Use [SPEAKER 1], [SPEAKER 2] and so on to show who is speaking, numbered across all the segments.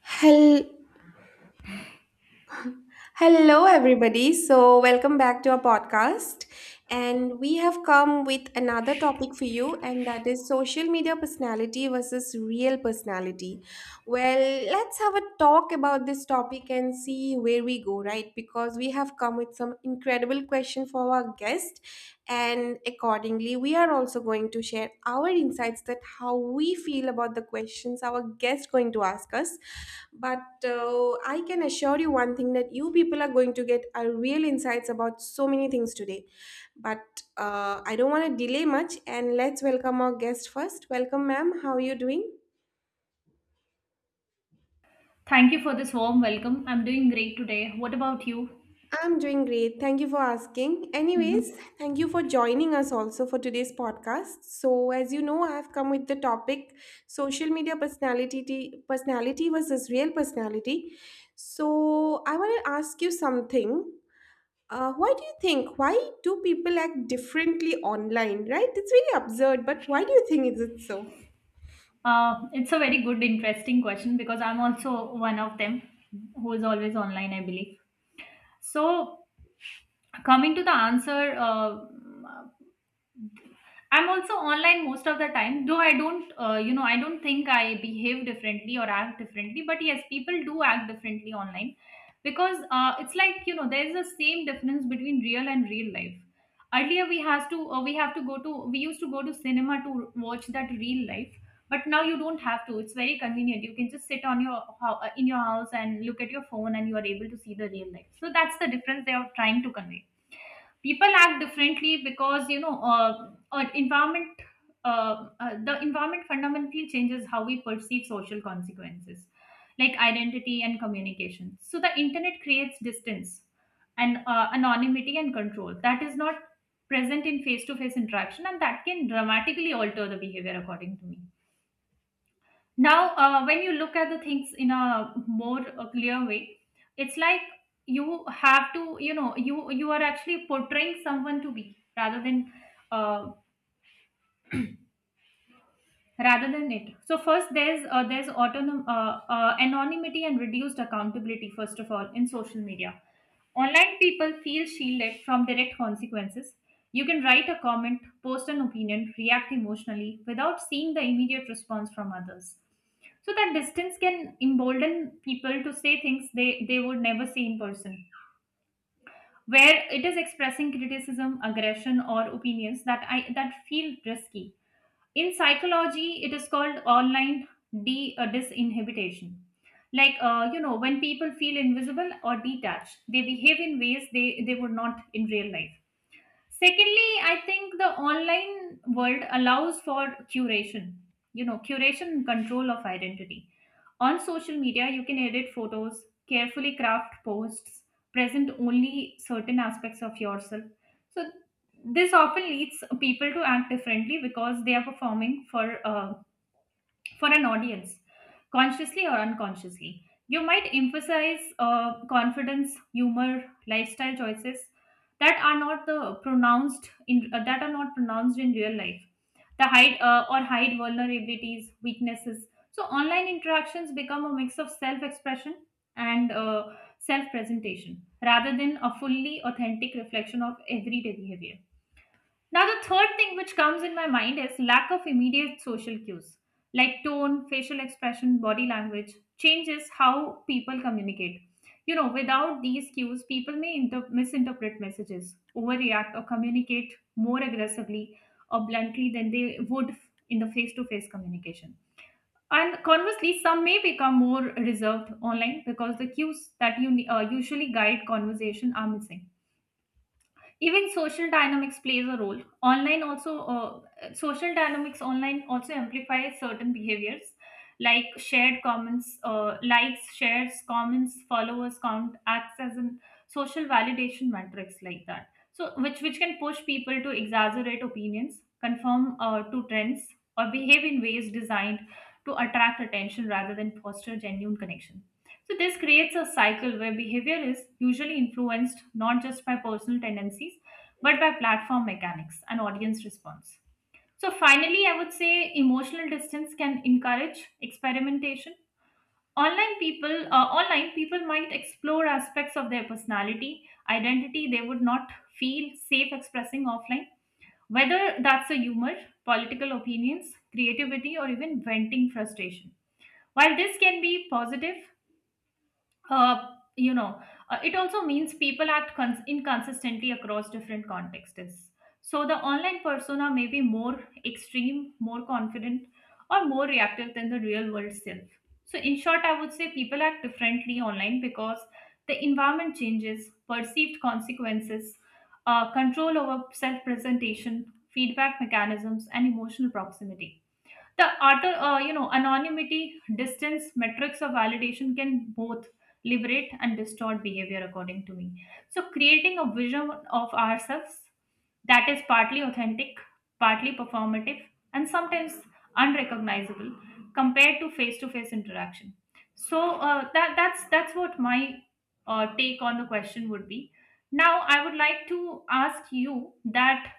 [SPEAKER 1] Hel- Hello, everybody. So, welcome back to our podcast. And we have come with another topic for you, and that is social media personality versus real personality. Well, let's have a talk about this topic and see where we go, right? Because we have come with some incredible question for our guest, and accordingly, we are also going to share our insights that how we feel about the questions our guest going to ask us. But I can assure you one thing that you people are going to get a real insights about so many things today. But I don't want to delay much, and let's welcome our guest first. Welcome, ma'am. How are you doing?
[SPEAKER 2] Thank you for this warm welcome. I'm doing great today. What about you?
[SPEAKER 1] I'm doing great. Thank you for asking. Anyways,
[SPEAKER 2] Hmm.
[SPEAKER 1] thank you for joining us also for today's podcast. So, as you know, I have come with the topic social media personality versus real personality. So, I want to ask you something. Why do you think? Why do people act differently online, right? It's really absurd, but why do you think is it so?
[SPEAKER 2] It's a very good, interesting question because I'm also one of them who is always online, I believe. So, coming to the answer, uh, I'm also online most of the time, though I don't, I don't think I behave differently or act differently. But yes, people do act differently online because it's like there's the same difference between real and real life. Earlier we has to we have to go to we used to go to cinema to watch that real life, but now you don't have to. It's very convenient. You can just sit on your in your house and look at your phone, and you are able to see the real life. So that's the difference they are trying to convey. People act differently because environment, the environment fundamentally changes how we perceive social consequences like identity and communication. So the internet creates distance and anonymity and control that is not present in face to face interaction, and that can dramatically alter the behavior, according to me. Now, when you look at the things in a more clear way, it's like you have to, you are actually portraying someone to be uh, rather than it. So first there's anonymity and reduced accountability first of all in social media. Online people feel shielded from direct consequences. You can write a comment, post an opinion, react emotionally without seeing the immediate response from others. So that distance can embolden people to say things they would never say in person, where it is expressing criticism, aggression, or opinions that feel risky. In psychology it is called online disinhibition. Like, when people feel invisible or detached, they behave in ways they would not in real life. Secondly, I think the online world allows for curation, you know, curation and control of identity. On social media you can edit photos, carefully craft posts, present only certain aspects of yourself. So this often leads people to act differently because they are performing for an audience, consciously or unconsciously. You might emphasize confidence, humor, lifestyle choices that are not the pronounced in that are not pronounced in real life. The hide or hide vulnerabilities, weaknesses. So online interactions become a mix of self-expression and self-presentation rather than a fully authentic reflection of everyday behavior. Now, the third thing which comes in my mind is lack of immediate social cues like tone, facial expression, body language changes how people communicate. You know, without these cues, people may misinterpret messages, overreact, or communicate more aggressively or bluntly than they would in the face to face communication. And conversely, some may become more reserved online because the cues that you usually guide conversation are missing. Even social dynamics plays a role online also. Social dynamics online also amplify certain behaviors like shared comments likes, shares, comments, followers count acts as a social validation matrix, like that. So which can push people to exaggerate opinions, conform to trends, or behave in ways designed to attract attention rather than foster genuine connection. So this creates a cycle where behavior is usually influenced not just by personal tendencies, but by platform mechanics and audience response. So, finally, I would say emotional distance can encourage experimentation. Online people might explore aspects of their personality, identity they would not feel safe expressing offline, whether that's a humor, political opinions, creativity, or even venting frustration. While this can be positive, uh, you know, it also means people act inconsistently across different contexts. So the online persona may be more extreme, more confident, or more reactive than the real world self. So, in short, I would say people act differently online because the environment changes, perceived consequences, control over self presentation, feedback mechanisms, and emotional proximity. The auto you know anonymity, distance, metrics of validation can both liberate and distort behavior, according to me. So, creating a vision of ourselves that is partly authentic, partly performative, and sometimes unrecognizable compared to face interaction. So that's that's what my take on the question would be. Now I would like to ask you that,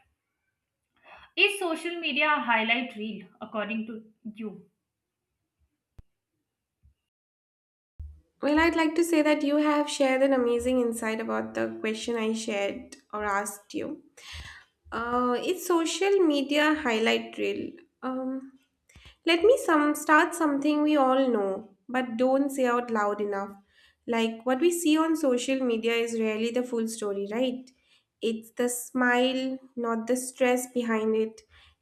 [SPEAKER 2] is social media a highlight reel according to you?
[SPEAKER 1] Well, I'd like to say that you have shared an amazing insight about the question I shared or asked you. It's social media highlight reel. Um, Let me some start something we all know but don't say out loud enough. Like what we see on social media is rarely the full story, right? It's the smile, not the stress behind it.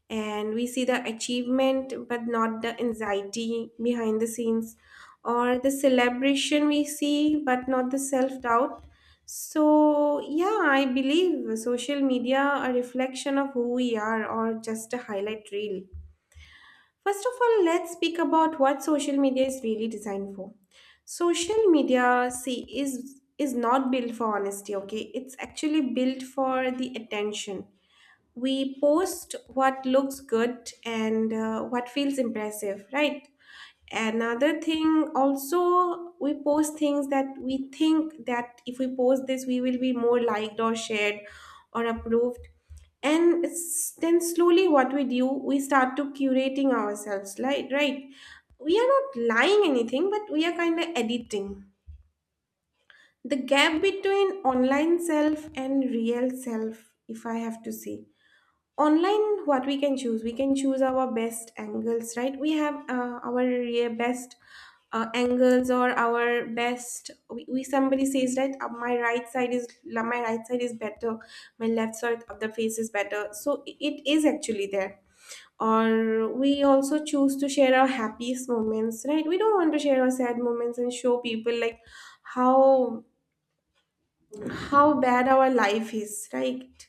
[SPEAKER 1] And we see the achievement but not the anxiety behind the scenes, or the celebration we see but not the self-doubt. So, yeah, I believe social media a reflection of who we are or just a highlight reel. First of all, let's speak about what social media is really designed for. Social media, see, is not built for honesty, okay? It's actually built for the attention. We post what looks good, and what feels impressive, right? Another thing, also we post things that we think that if we post this we will be more liked or shared or approved. Then slowly what we do, we start to curating ourselves, like, right? We are not lying anything, but we are kind of editing the gap between online self and real self. If I have to say, online what we can choose, we can choose our best angles, right? We have our best angles or our best. We somebody says that my my right side is better, my left side of the face is better. So it is actually there. Or we also choose to share our happiest moments, right? We don't want to share our sad moments and show people like how how bad our life is, right?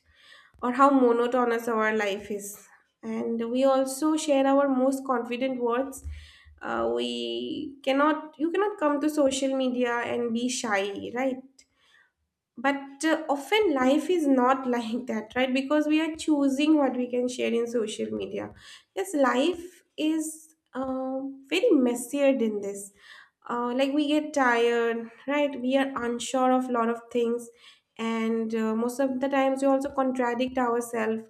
[SPEAKER 1] Or how monotonous our life is. And we also share our most confident words. We cannot, you cannot come to social media and be shy, right? But often life is not like that, right? Because we are choosing what we can share in social media. Yes, life is very messier than this. Like we get tired, right? We are unsure of a lot of things, and most of the times we also contradict ourselves,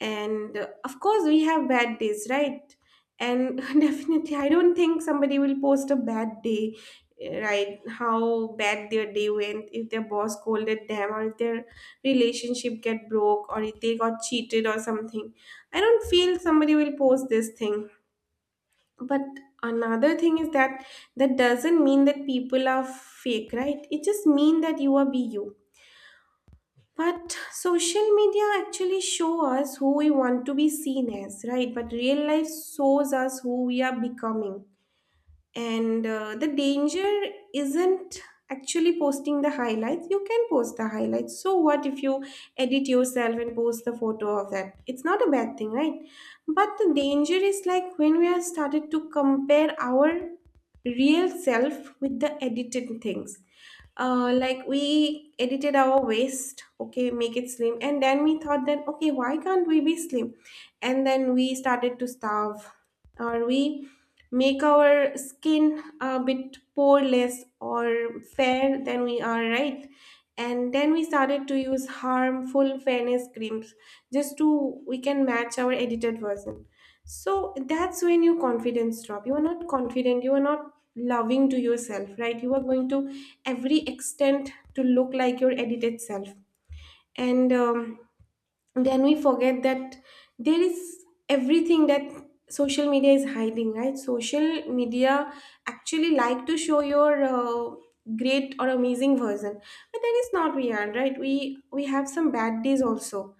[SPEAKER 1] and of course we have bad days, right? And definitely I don't think somebody will post a bad day. Eh, right, how bad their day went, if their boss scolded them or if their relationship get broke or if they got cheated or something. I don't feel somebody will post this thing. But another thing is that that doesn't mean that people are fake, right? It just mean that you are be you. But social media actually show us who we want to be seen as, right? But real life shows us who we are becoming. And the danger isn't actually posting the highlights. You can post the highlights. So what if you edit yourself and post the photo of that? It's not a bad thing, right? But the danger is like when we have started to compare our real self with the edited things. Like we edited our waist, okay, make it slim, and then we thought that, okay, why can't we be slim? And then we started to starve. Or we make our skin a bit poreless or fair than we are, right? And then we started to use harmful fairness creams just to we can match our edited version. So that's when your confidence drop. You are not confident. You are not loving to yourself, right? You are going to every extent to look like your edited self. And then we forget that there is everything that social media is hiding, right? Social media actually like to show your great or amazing version, but that is not real, right? We have some bad days also.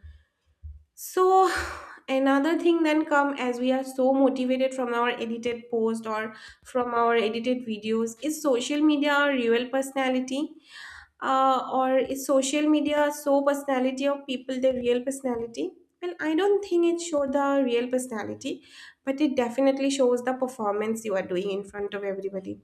[SPEAKER 1] So, another thing then come as we are so motivated from our edited post or from our edited videos. Is social media our real personality? Or is social media so personality of people their real personality? Well, I don't think it shows the real personality, but it definitely shows the performance you are doing in front of everybody.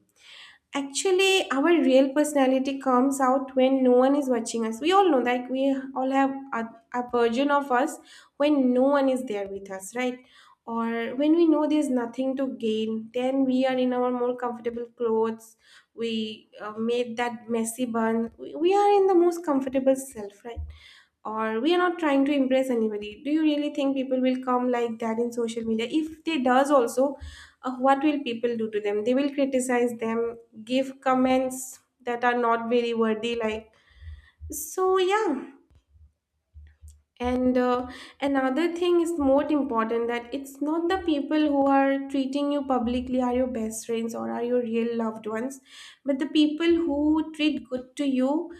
[SPEAKER 1] Actually, our real personality comes out when no one is watching us. We all know that we all have a version of us when no one is there with us, right? Or when we know there's nothing to gain, then we are in our more comfortable clothes. We made that messy bun. We are in the most comfortable self, right? Or we are not trying to impress anybody. Do you really think people will come like that in social media? If they does also, what will people do to them? They will criticize them, give comments that are not very worthy, like. So yeah. And another thing is more important, that it's not the people who are treating you publicly are your best friends or are your real loved ones, but the people who treat good to you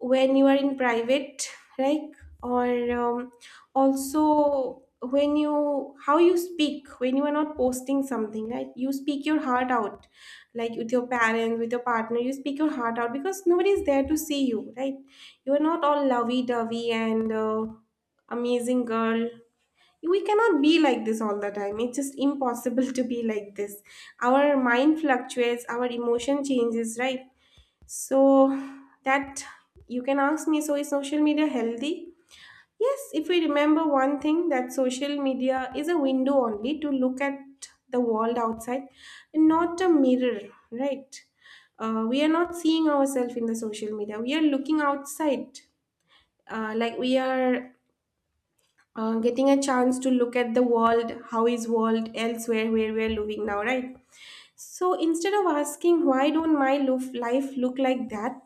[SPEAKER 1] when you are in private, right, or also when you how you speak when you are not posting something, right? You speak your heart out, like with your parents, with your partner. You speak your heart out because nobody is there to see you, right? You are not all lovey-dovey and amazing girl. We cannot be like this all the time. It's just impossible to be like this. Our mind fluctuates, our emotion changes, right? So that you can ask me, so is social media healthy? Yes, if we remember one thing, that social media is a window only to look at the world outside, not a mirror, right? We are not seeing ourselves in the social media. We are looking outside, like we are getting a chance to look at the world, how is world elsewhere where we are living now, right? So instead of asking why don't my life look like that,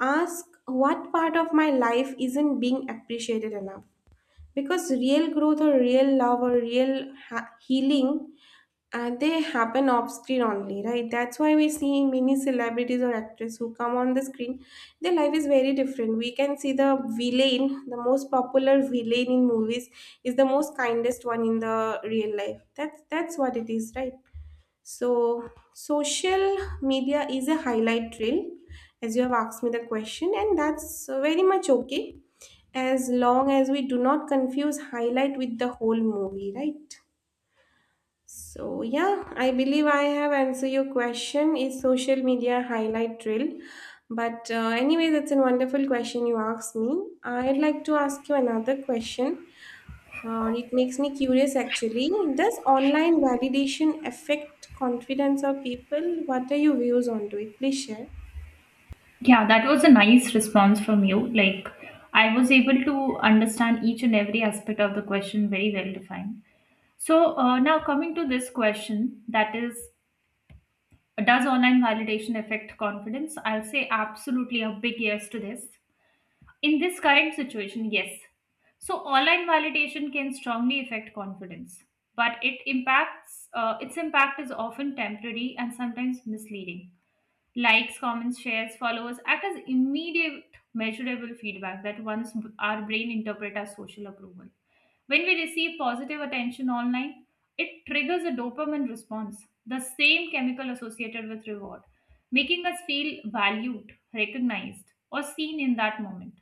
[SPEAKER 1] ask what part of my life isn't being appreciated enough. Because real growth or real love or healing, they happen off screen only, right? That's why we're seeing many celebrities or actors who come on the screen. Their life is very different. We can see the villain, the most popular villain in movies, is the most kindest one in the real life. That's what it is, right? So social media is a highlight reel, as you have asked me the question, and that's very much okay as long as we do not confuse highlight with the whole movie, right? So yeah, I believe I have answered your question. Is social media highlight reel? But anyways, it's a wonderful question you asked me. I'd like to ask you another question. It makes me curious actually. Does online validation affect confidence of people? What are your views on to it? Please share.
[SPEAKER 2] Yeah, that was a nice response from you. Like, I was able to understand each and every aspect of the question very well defined. So, now coming to this question that is, does online validation affect confidence? I'll say absolutely a big yes to this. In this current situation, yes. So, online validation can strongly affect confidence, but its impact is often temporary and sometimes misleading. Likes, comments, shares, followers act as immediate measurable feedback that once our brain interpret as social approval. When we receive positive attention online, it triggers a dopamine response, the same chemical associated with reward, making us feel valued, recognized, or seen in that moment.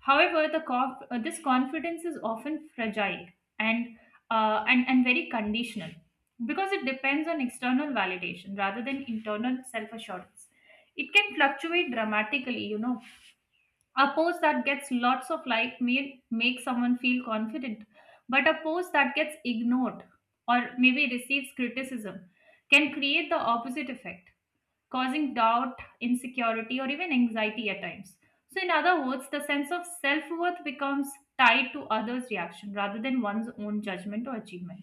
[SPEAKER 2] However, this confidence is often fragile and, and very conditional because it depends on external validation rather than internal self assurance. It can fluctuate dramatically, you know. A post that gets lots of like may make someone feel confident, but a post that gets ignored or maybe receives criticism can create the opposite effect, causing doubt, insecurity, or even anxiety at times. So in other words, the sense of self-worth becomes tied to others reaction rather than one's own judgment or achievement.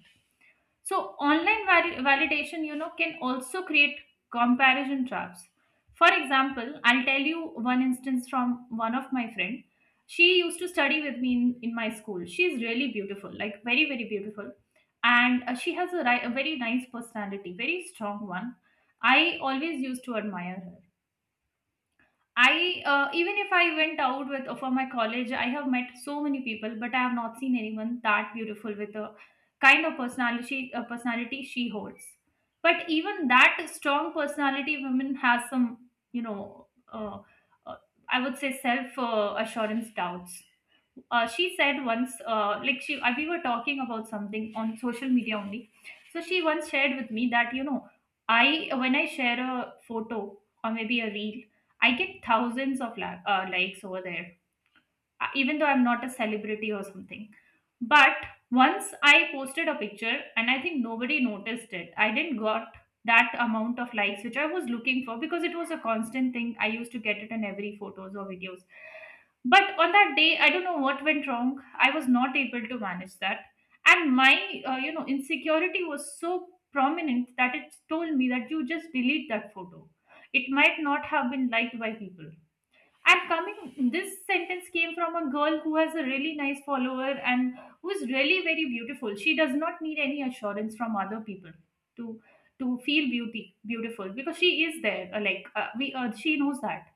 [SPEAKER 2] So, validation, you know, can also create comparison traps. For example, I'll tell you one instance from one of my friend. She used to study with me in my school. She's really beautiful, like very, very beautiful. And she has a a very nice personality, very strong one. I always used to admire her. I, even if I went out with for my college, I have met so many people, but I have not seen anyone that beautiful with the kind of personality she holds. But even that strong personality women has some, you know, uh, I would say self assurance doubts. She said once, like she we were talking about something on social media only. So she once shared with me that, you know, I when I share a photo or maybe a reel I get thousands of likes over there, even though I'm not a celebrity or something. But once I posted a picture, and I think nobody noticed it. I didn't got that amount of likes which I was looking for because it was a constant thing. I used to get it in every photos or videos. But on that day, I don't know what went wrong. I was not able to manage that, and my, insecurity was so prominent that it told me that you just delete that photo. It might not have been liked by people. And coming, this sentence came from a girl who has a really nice follower and who is really very beautiful. She does not need any assurance from other people to feel beauty beautiful because she is there. Like she knows that.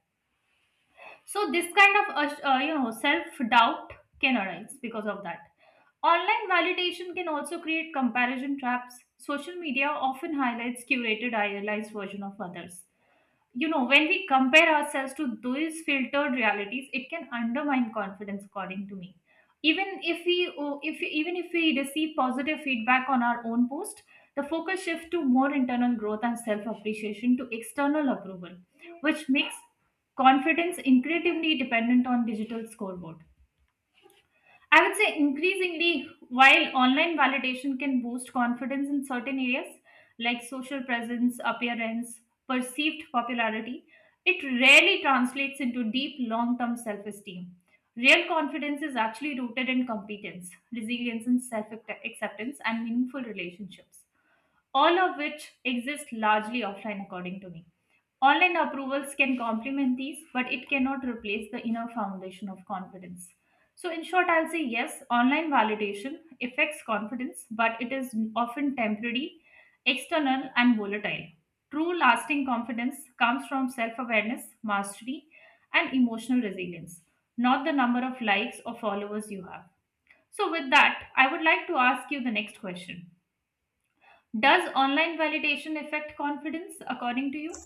[SPEAKER 2] So this kind of self doubt can arise because of that. Online validation can also create comparison traps. Social media often highlights curated, idealized version of others. You know, when we compare ourselves to those filtered realities, it can undermine confidence, according to me. Even if we oh, If even if we receive positive feedback on our own post, the focus shifts to more internal growth and self appreciation to external approval, which makes confidence incredibly dependent on digital scoreboard. I would say increasingly, while online validation can boost confidence in certain areas like social presence, appearance, perceived popularity, it rarely translates into deep long term self esteem. Real confidence is actually rooted in competence, resilience, and self acceptance and meaningful relationships, all of which exist largely offline, according to me. Online approvals can complement these, but it cannot replace the inner foundation of confidence. So, in short, I'll say yes, online validation affects confidence, but it is often temporary, external, and volatile. True lasting confidence comes from self awareness, mastery, and emotional resilience, not the number of likes or followers you have. So, with that, I would like to ask you the next question. Does online validation affect confidence according to you?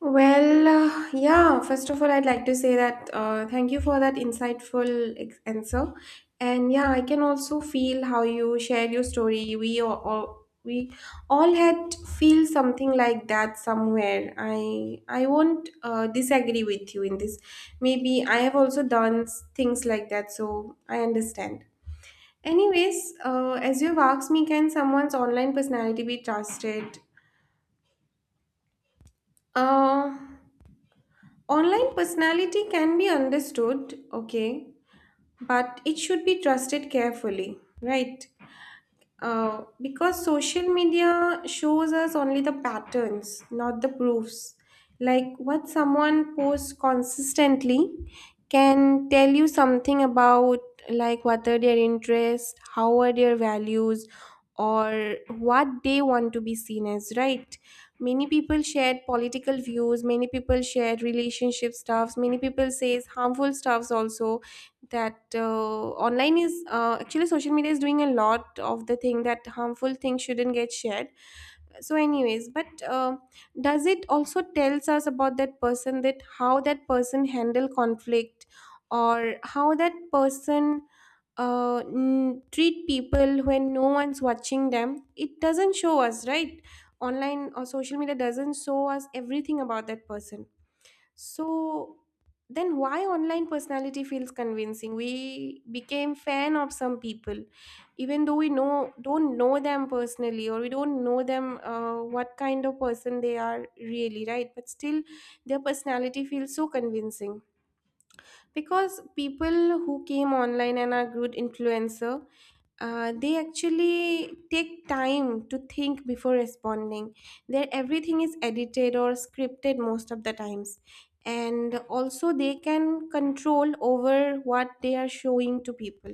[SPEAKER 1] Well, yeah, first of all, I'd like to say that thank you for that insightful answer. And yeah, I can also feel how you shared your story. We all had feel something like that somewhere. I won't disagree with you in this. Maybe I have also done things like that, so I understand. Anyways, as you've asked me, can someone's online personality be trusted? Uh, Online personality can be understood, okay, but it should be trusted carefully, right? Because social media shows us only the patterns, not the proofs. Like what someone posts consistently can tell you something about, like, what are their interests, how are their values, or what they want to be seen as, right? Many people share political views, many people share relationship stuffs, many people says harmful stuffs also that online is actually social media is doing a lot of the thing that harmful things shouldn't get shared, so anyways but does it also tells us about that person, that how that person handle conflict, or how that person treat people when no one's watching them. It doesn't show us, right? Online or social media doesn't show us everything about that person. So then why online personality feels convincing? We became fan of some people, even though we know don't know them personally, or we don't know them what kind of person they are really, right? But still, their personality feels so convincing because people who came online and are good influencer, they actually take time to think before responding. Their everything is edited or scripted most of the times. And also, they can control over what they are showing to people.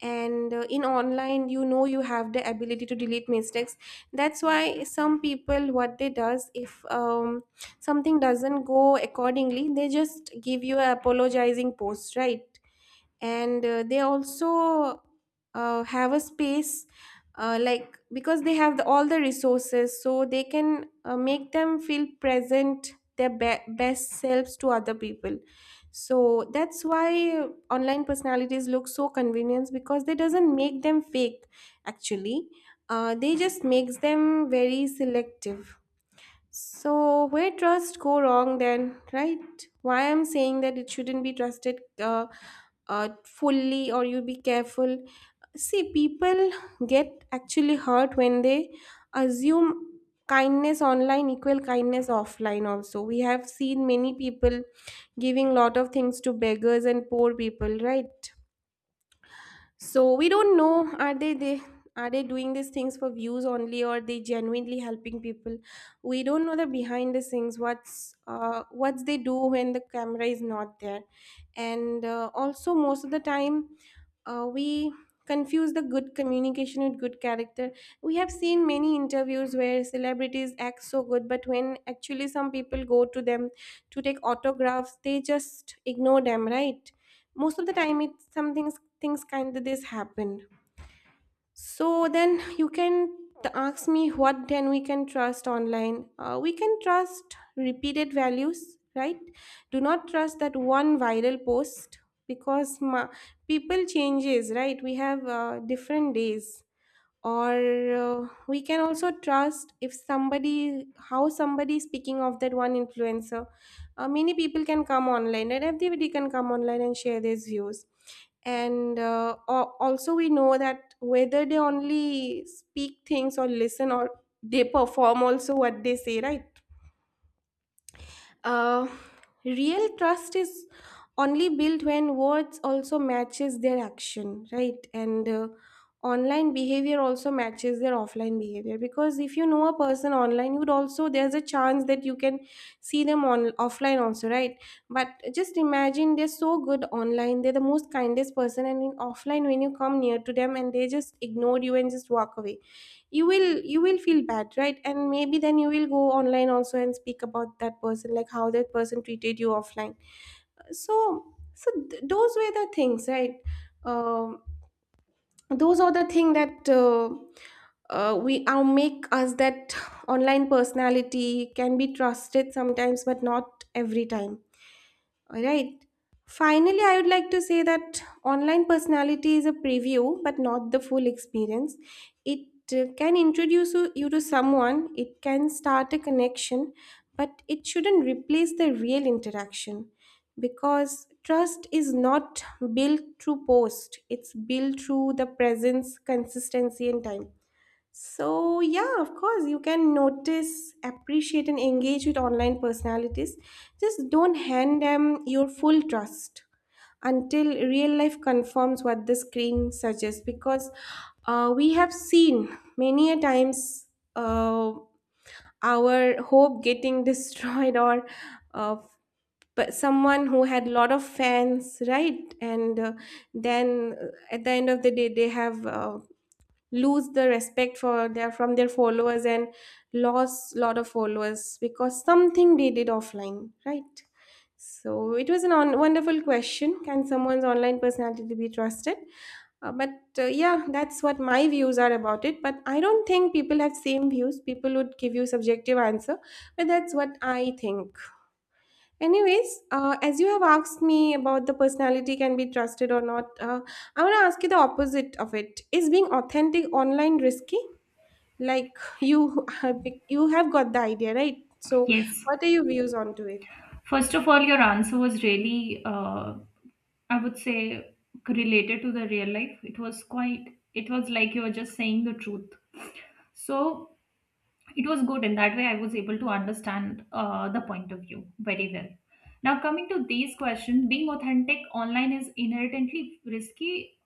[SPEAKER 1] And in online, you have the ability to delete mistakes. That's why some people, what they does, if something doesn't go accordingly, they just give you a apologizing post, right? And they also have a space, like because they have all the resources, so they can make them feel, present their best selves to other people. So that's why online personalities look so convenient, because they doesn't make them fake actually. They just makes them very selective. So where trust go wrong then, right? Why I'm saying that it shouldn't be trusted fully, or you be careful. See, people get actually hurt when they assume kindness online equal kindness offline also. We have seen many people giving lot of things to beggars and poor people, right? So we don't know, are they are they doing these things for views only, or they genuinely helping people? We don't know the behind the scenes, what's what they do when the camera is not there. And also most of the time we confuse the good communication with good character. We have seen many interviews where celebrities act so good, but when actually some people go to them to take autographs, they just ignore them, right? Most of the time it's something, things kind of this happened. So then you can ask me, what then we can trust online? We can trust repeated values, right? Do not trust that one viral post, because people changes, right? We have different days, or we can also trust if somebody, how somebody is speaking of that one influencer. Many people can come online, and everybody can come online and share their views. And also we know that whether they only speak things or listen, or they perform also what they say, right? uh, Real trust is only built when words also matches their action, right? And online behavior also matches their offline behavior, because if you know a person online, you would also, there's a chance that you can see them on offline also, right? But just imagine they're so good online, they're the most kindest person, and in offline when you come near to them and they just ignore you and just walk away, you will feel bad, right? And maybe then you will go online also and speak about that person, like how that person treated you offline. So those were the things, right? um, those are the thing that we make us that online personality can be trusted sometimes but not every time. All right. Finally, I would like to say that online personality is a preview, but not the full experience. It can introduce you to someone, it can start a connection, but it shouldn't replace the real interaction, because trust is not built through post, it's built through the presence, consistency, and time. So, yeah, of course, you can notice, appreciate, and engage with online personalities. Just don't hand them your full trust until real life confirms what the screen suggests, because we have seen many a times uh, our hope getting destroyed, or uh, but someone who had a lot of fans, right? And then at the end of the day they have lose the respect for their, from their followers, and lost lot of followers because something they did offline, right? So it was a wonderful question, can someone's online personality be trusted? But yeah, that's what my views are about it, but I don't think people have same views, people would give you subjective answer, but that's what I think. Anyways, as you have asked me about the personality can be trusted or not, I want to ask you the opposite of it. Is being authentic online risky? Like you you have got the idea, right? So,
[SPEAKER 2] Yes.
[SPEAKER 1] what are your views on to it?
[SPEAKER 2] First of all, your answer was really, I would say, related to the real life. It was quite, it was like you were just saying the truth. So it was good. In that way, I was able to understand the point of view very well. Now, coming to these questions, being authentic online is inherently risky.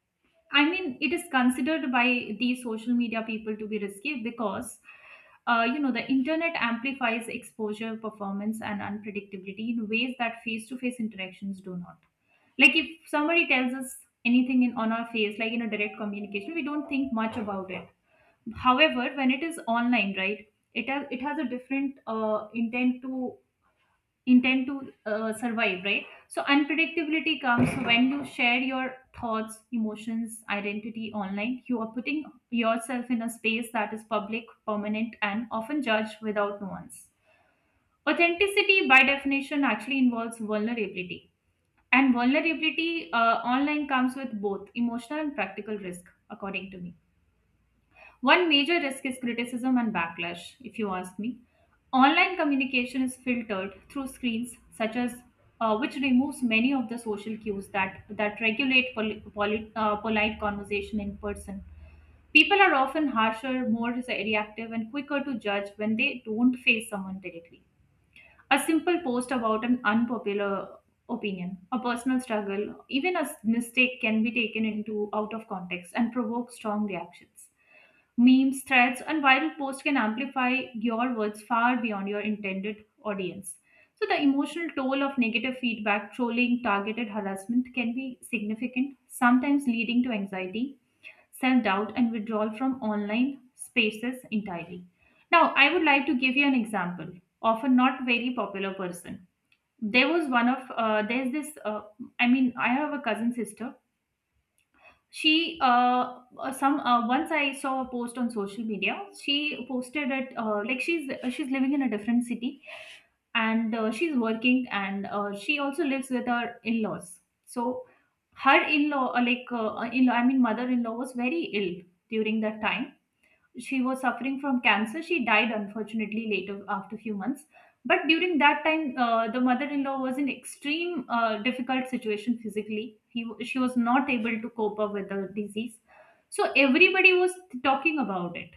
[SPEAKER 2] I mean, it is considered by the social media people to be risky because, you know, the internet amplifies exposure, performance, and unpredictability in ways that face-to-face interactions do not. Like if somebody tells us anything in on our face, like in a direct communication, we don't think much about it. However, when it is online, right, it has a different intent to survive, right? So unpredictability comes when you share your thoughts, emotions, identity online, you are putting yourself in a space that is public, permanent, and often judged without nuance. Authenticity by definition actually involves vulnerability, and vulnerability online comes with both emotional and practical risk according to me. One major risk is criticism and backlash, if you ask me. Online communication is filtered through screens, such as which removes many of the social cues that regulate polite conversation in person. People are often harsher, more reactive, and quicker to judge when they don't face someone directly. A simple post about an unpopular opinion, a personal struggle, even a mistake can be taken into out of context and provoke strong reactions. Memes, threads, and viral posts can amplify your words far beyond your intended audience. So, the emotional toll of negative feedback, trolling, targeted harassment can be significant, sometimes leading to anxiety, self doubt, and withdrawal from online spaces entirely. Now, I would like to give you an example of a not very popular person. There was one of, there's this, I mean, I have a cousin sister. She, some, once I saw a post on social media, she posted it, like she's living in a different city, and she's working, and she also lives with her in-laws. So her in-law, like, in-law, I mean, mother-in-law was very ill during that time. She was suffering from cancer. She died unfortunately later after few months. But during that time, the mother-in-law was in extreme difficult situation physically. She was not able to cope up with the disease. So everybody was talking about it.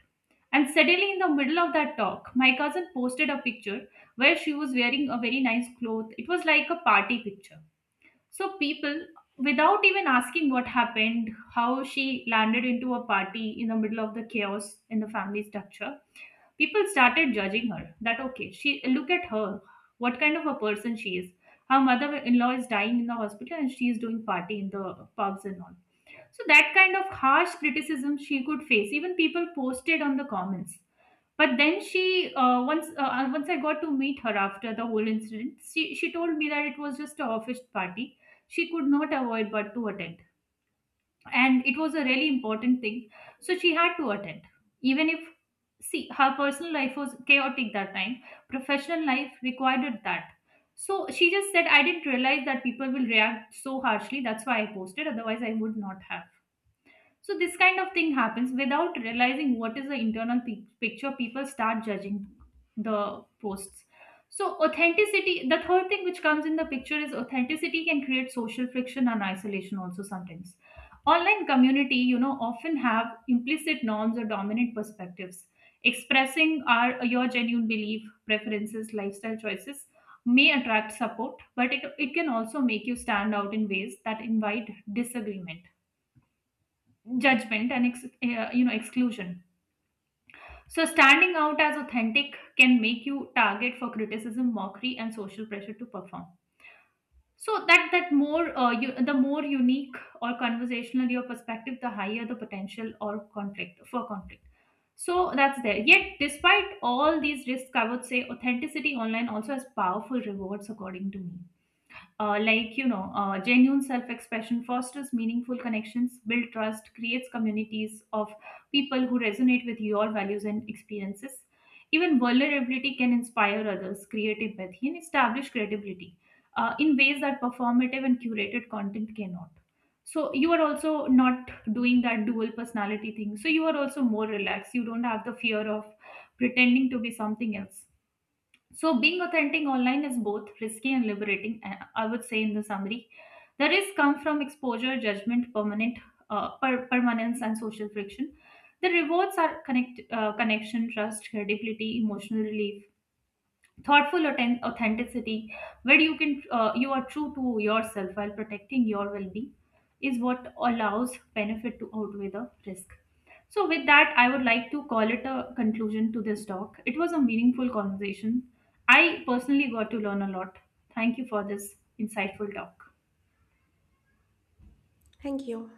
[SPEAKER 2] And suddenly, in the middle of that talk, my cousin posted a picture where she was wearing a very nice cloth. It was like a party picture, so people, without even asking what happened, how she landed into a party in the middle of the chaos in the family structure, people started judging her. That okay, she look at her, what kind of a person she is. Her mother-in-law is dying in the hospital, and she is doing party in the pubs and all. So that kind of harsh criticism she could face. Even people posted on the comments. But then she once I got to meet her after the whole incident, she told me that it was just a office party. She could not avoid but to attend, and it was a really important thing, so she had to attend, even if, see, her personal life was chaotic that time. Professional life required that. So she just said, I didn't realize that people will react so harshly. That's why I posted. Otherwise, I would not have. So this kind of thing happens without realizing what is the internal picture. People start judging the posts. So authenticity, the third thing which comes in the picture is authenticity can create social friction and isolation also sometimes. Online community, you know, often have implicit norms or dominant perspectives. Expressing our your genuine belief, preferences, lifestyle choices may attract support, but it can also make you stand out in ways that invite disagreement, judgment, and you know, exclusion. So standing out as authentic can make you target for criticism, mockery, and social pressure to perform. So that more the more unique or conversational your perspective, the higher the potential or conflict for conflict. So that's there. Yet despite all these risks, I would say authenticity online also has powerful rewards according to me. Like, you know, genuine self expression fosters meaningful connections, build trust, creates communities of people who resonate with your values and experiences. Even vulnerability can inspire others, create empathy, and establish credibility in ways that performative and curated content cannot. So, you are also not doing that dual personality thing. So, you are also more relaxed. You don't have the fear of pretending to be something else. So, being authentic online is both risky and liberating. I would say, in the summary, the risks come from exposure, judgment, permanence, and social friction. The rewards are connection, trust, credibility, emotional relief, thoughtful authenticity, where you can you are true to yourself while protecting your well-being is what allows benefit to outweigh the risk. So with that, I would like to call it a conclusion to this talk. It was a meaningful conversation. I personally got to learn a lot. Thank you for this insightful talk.
[SPEAKER 1] Thank you.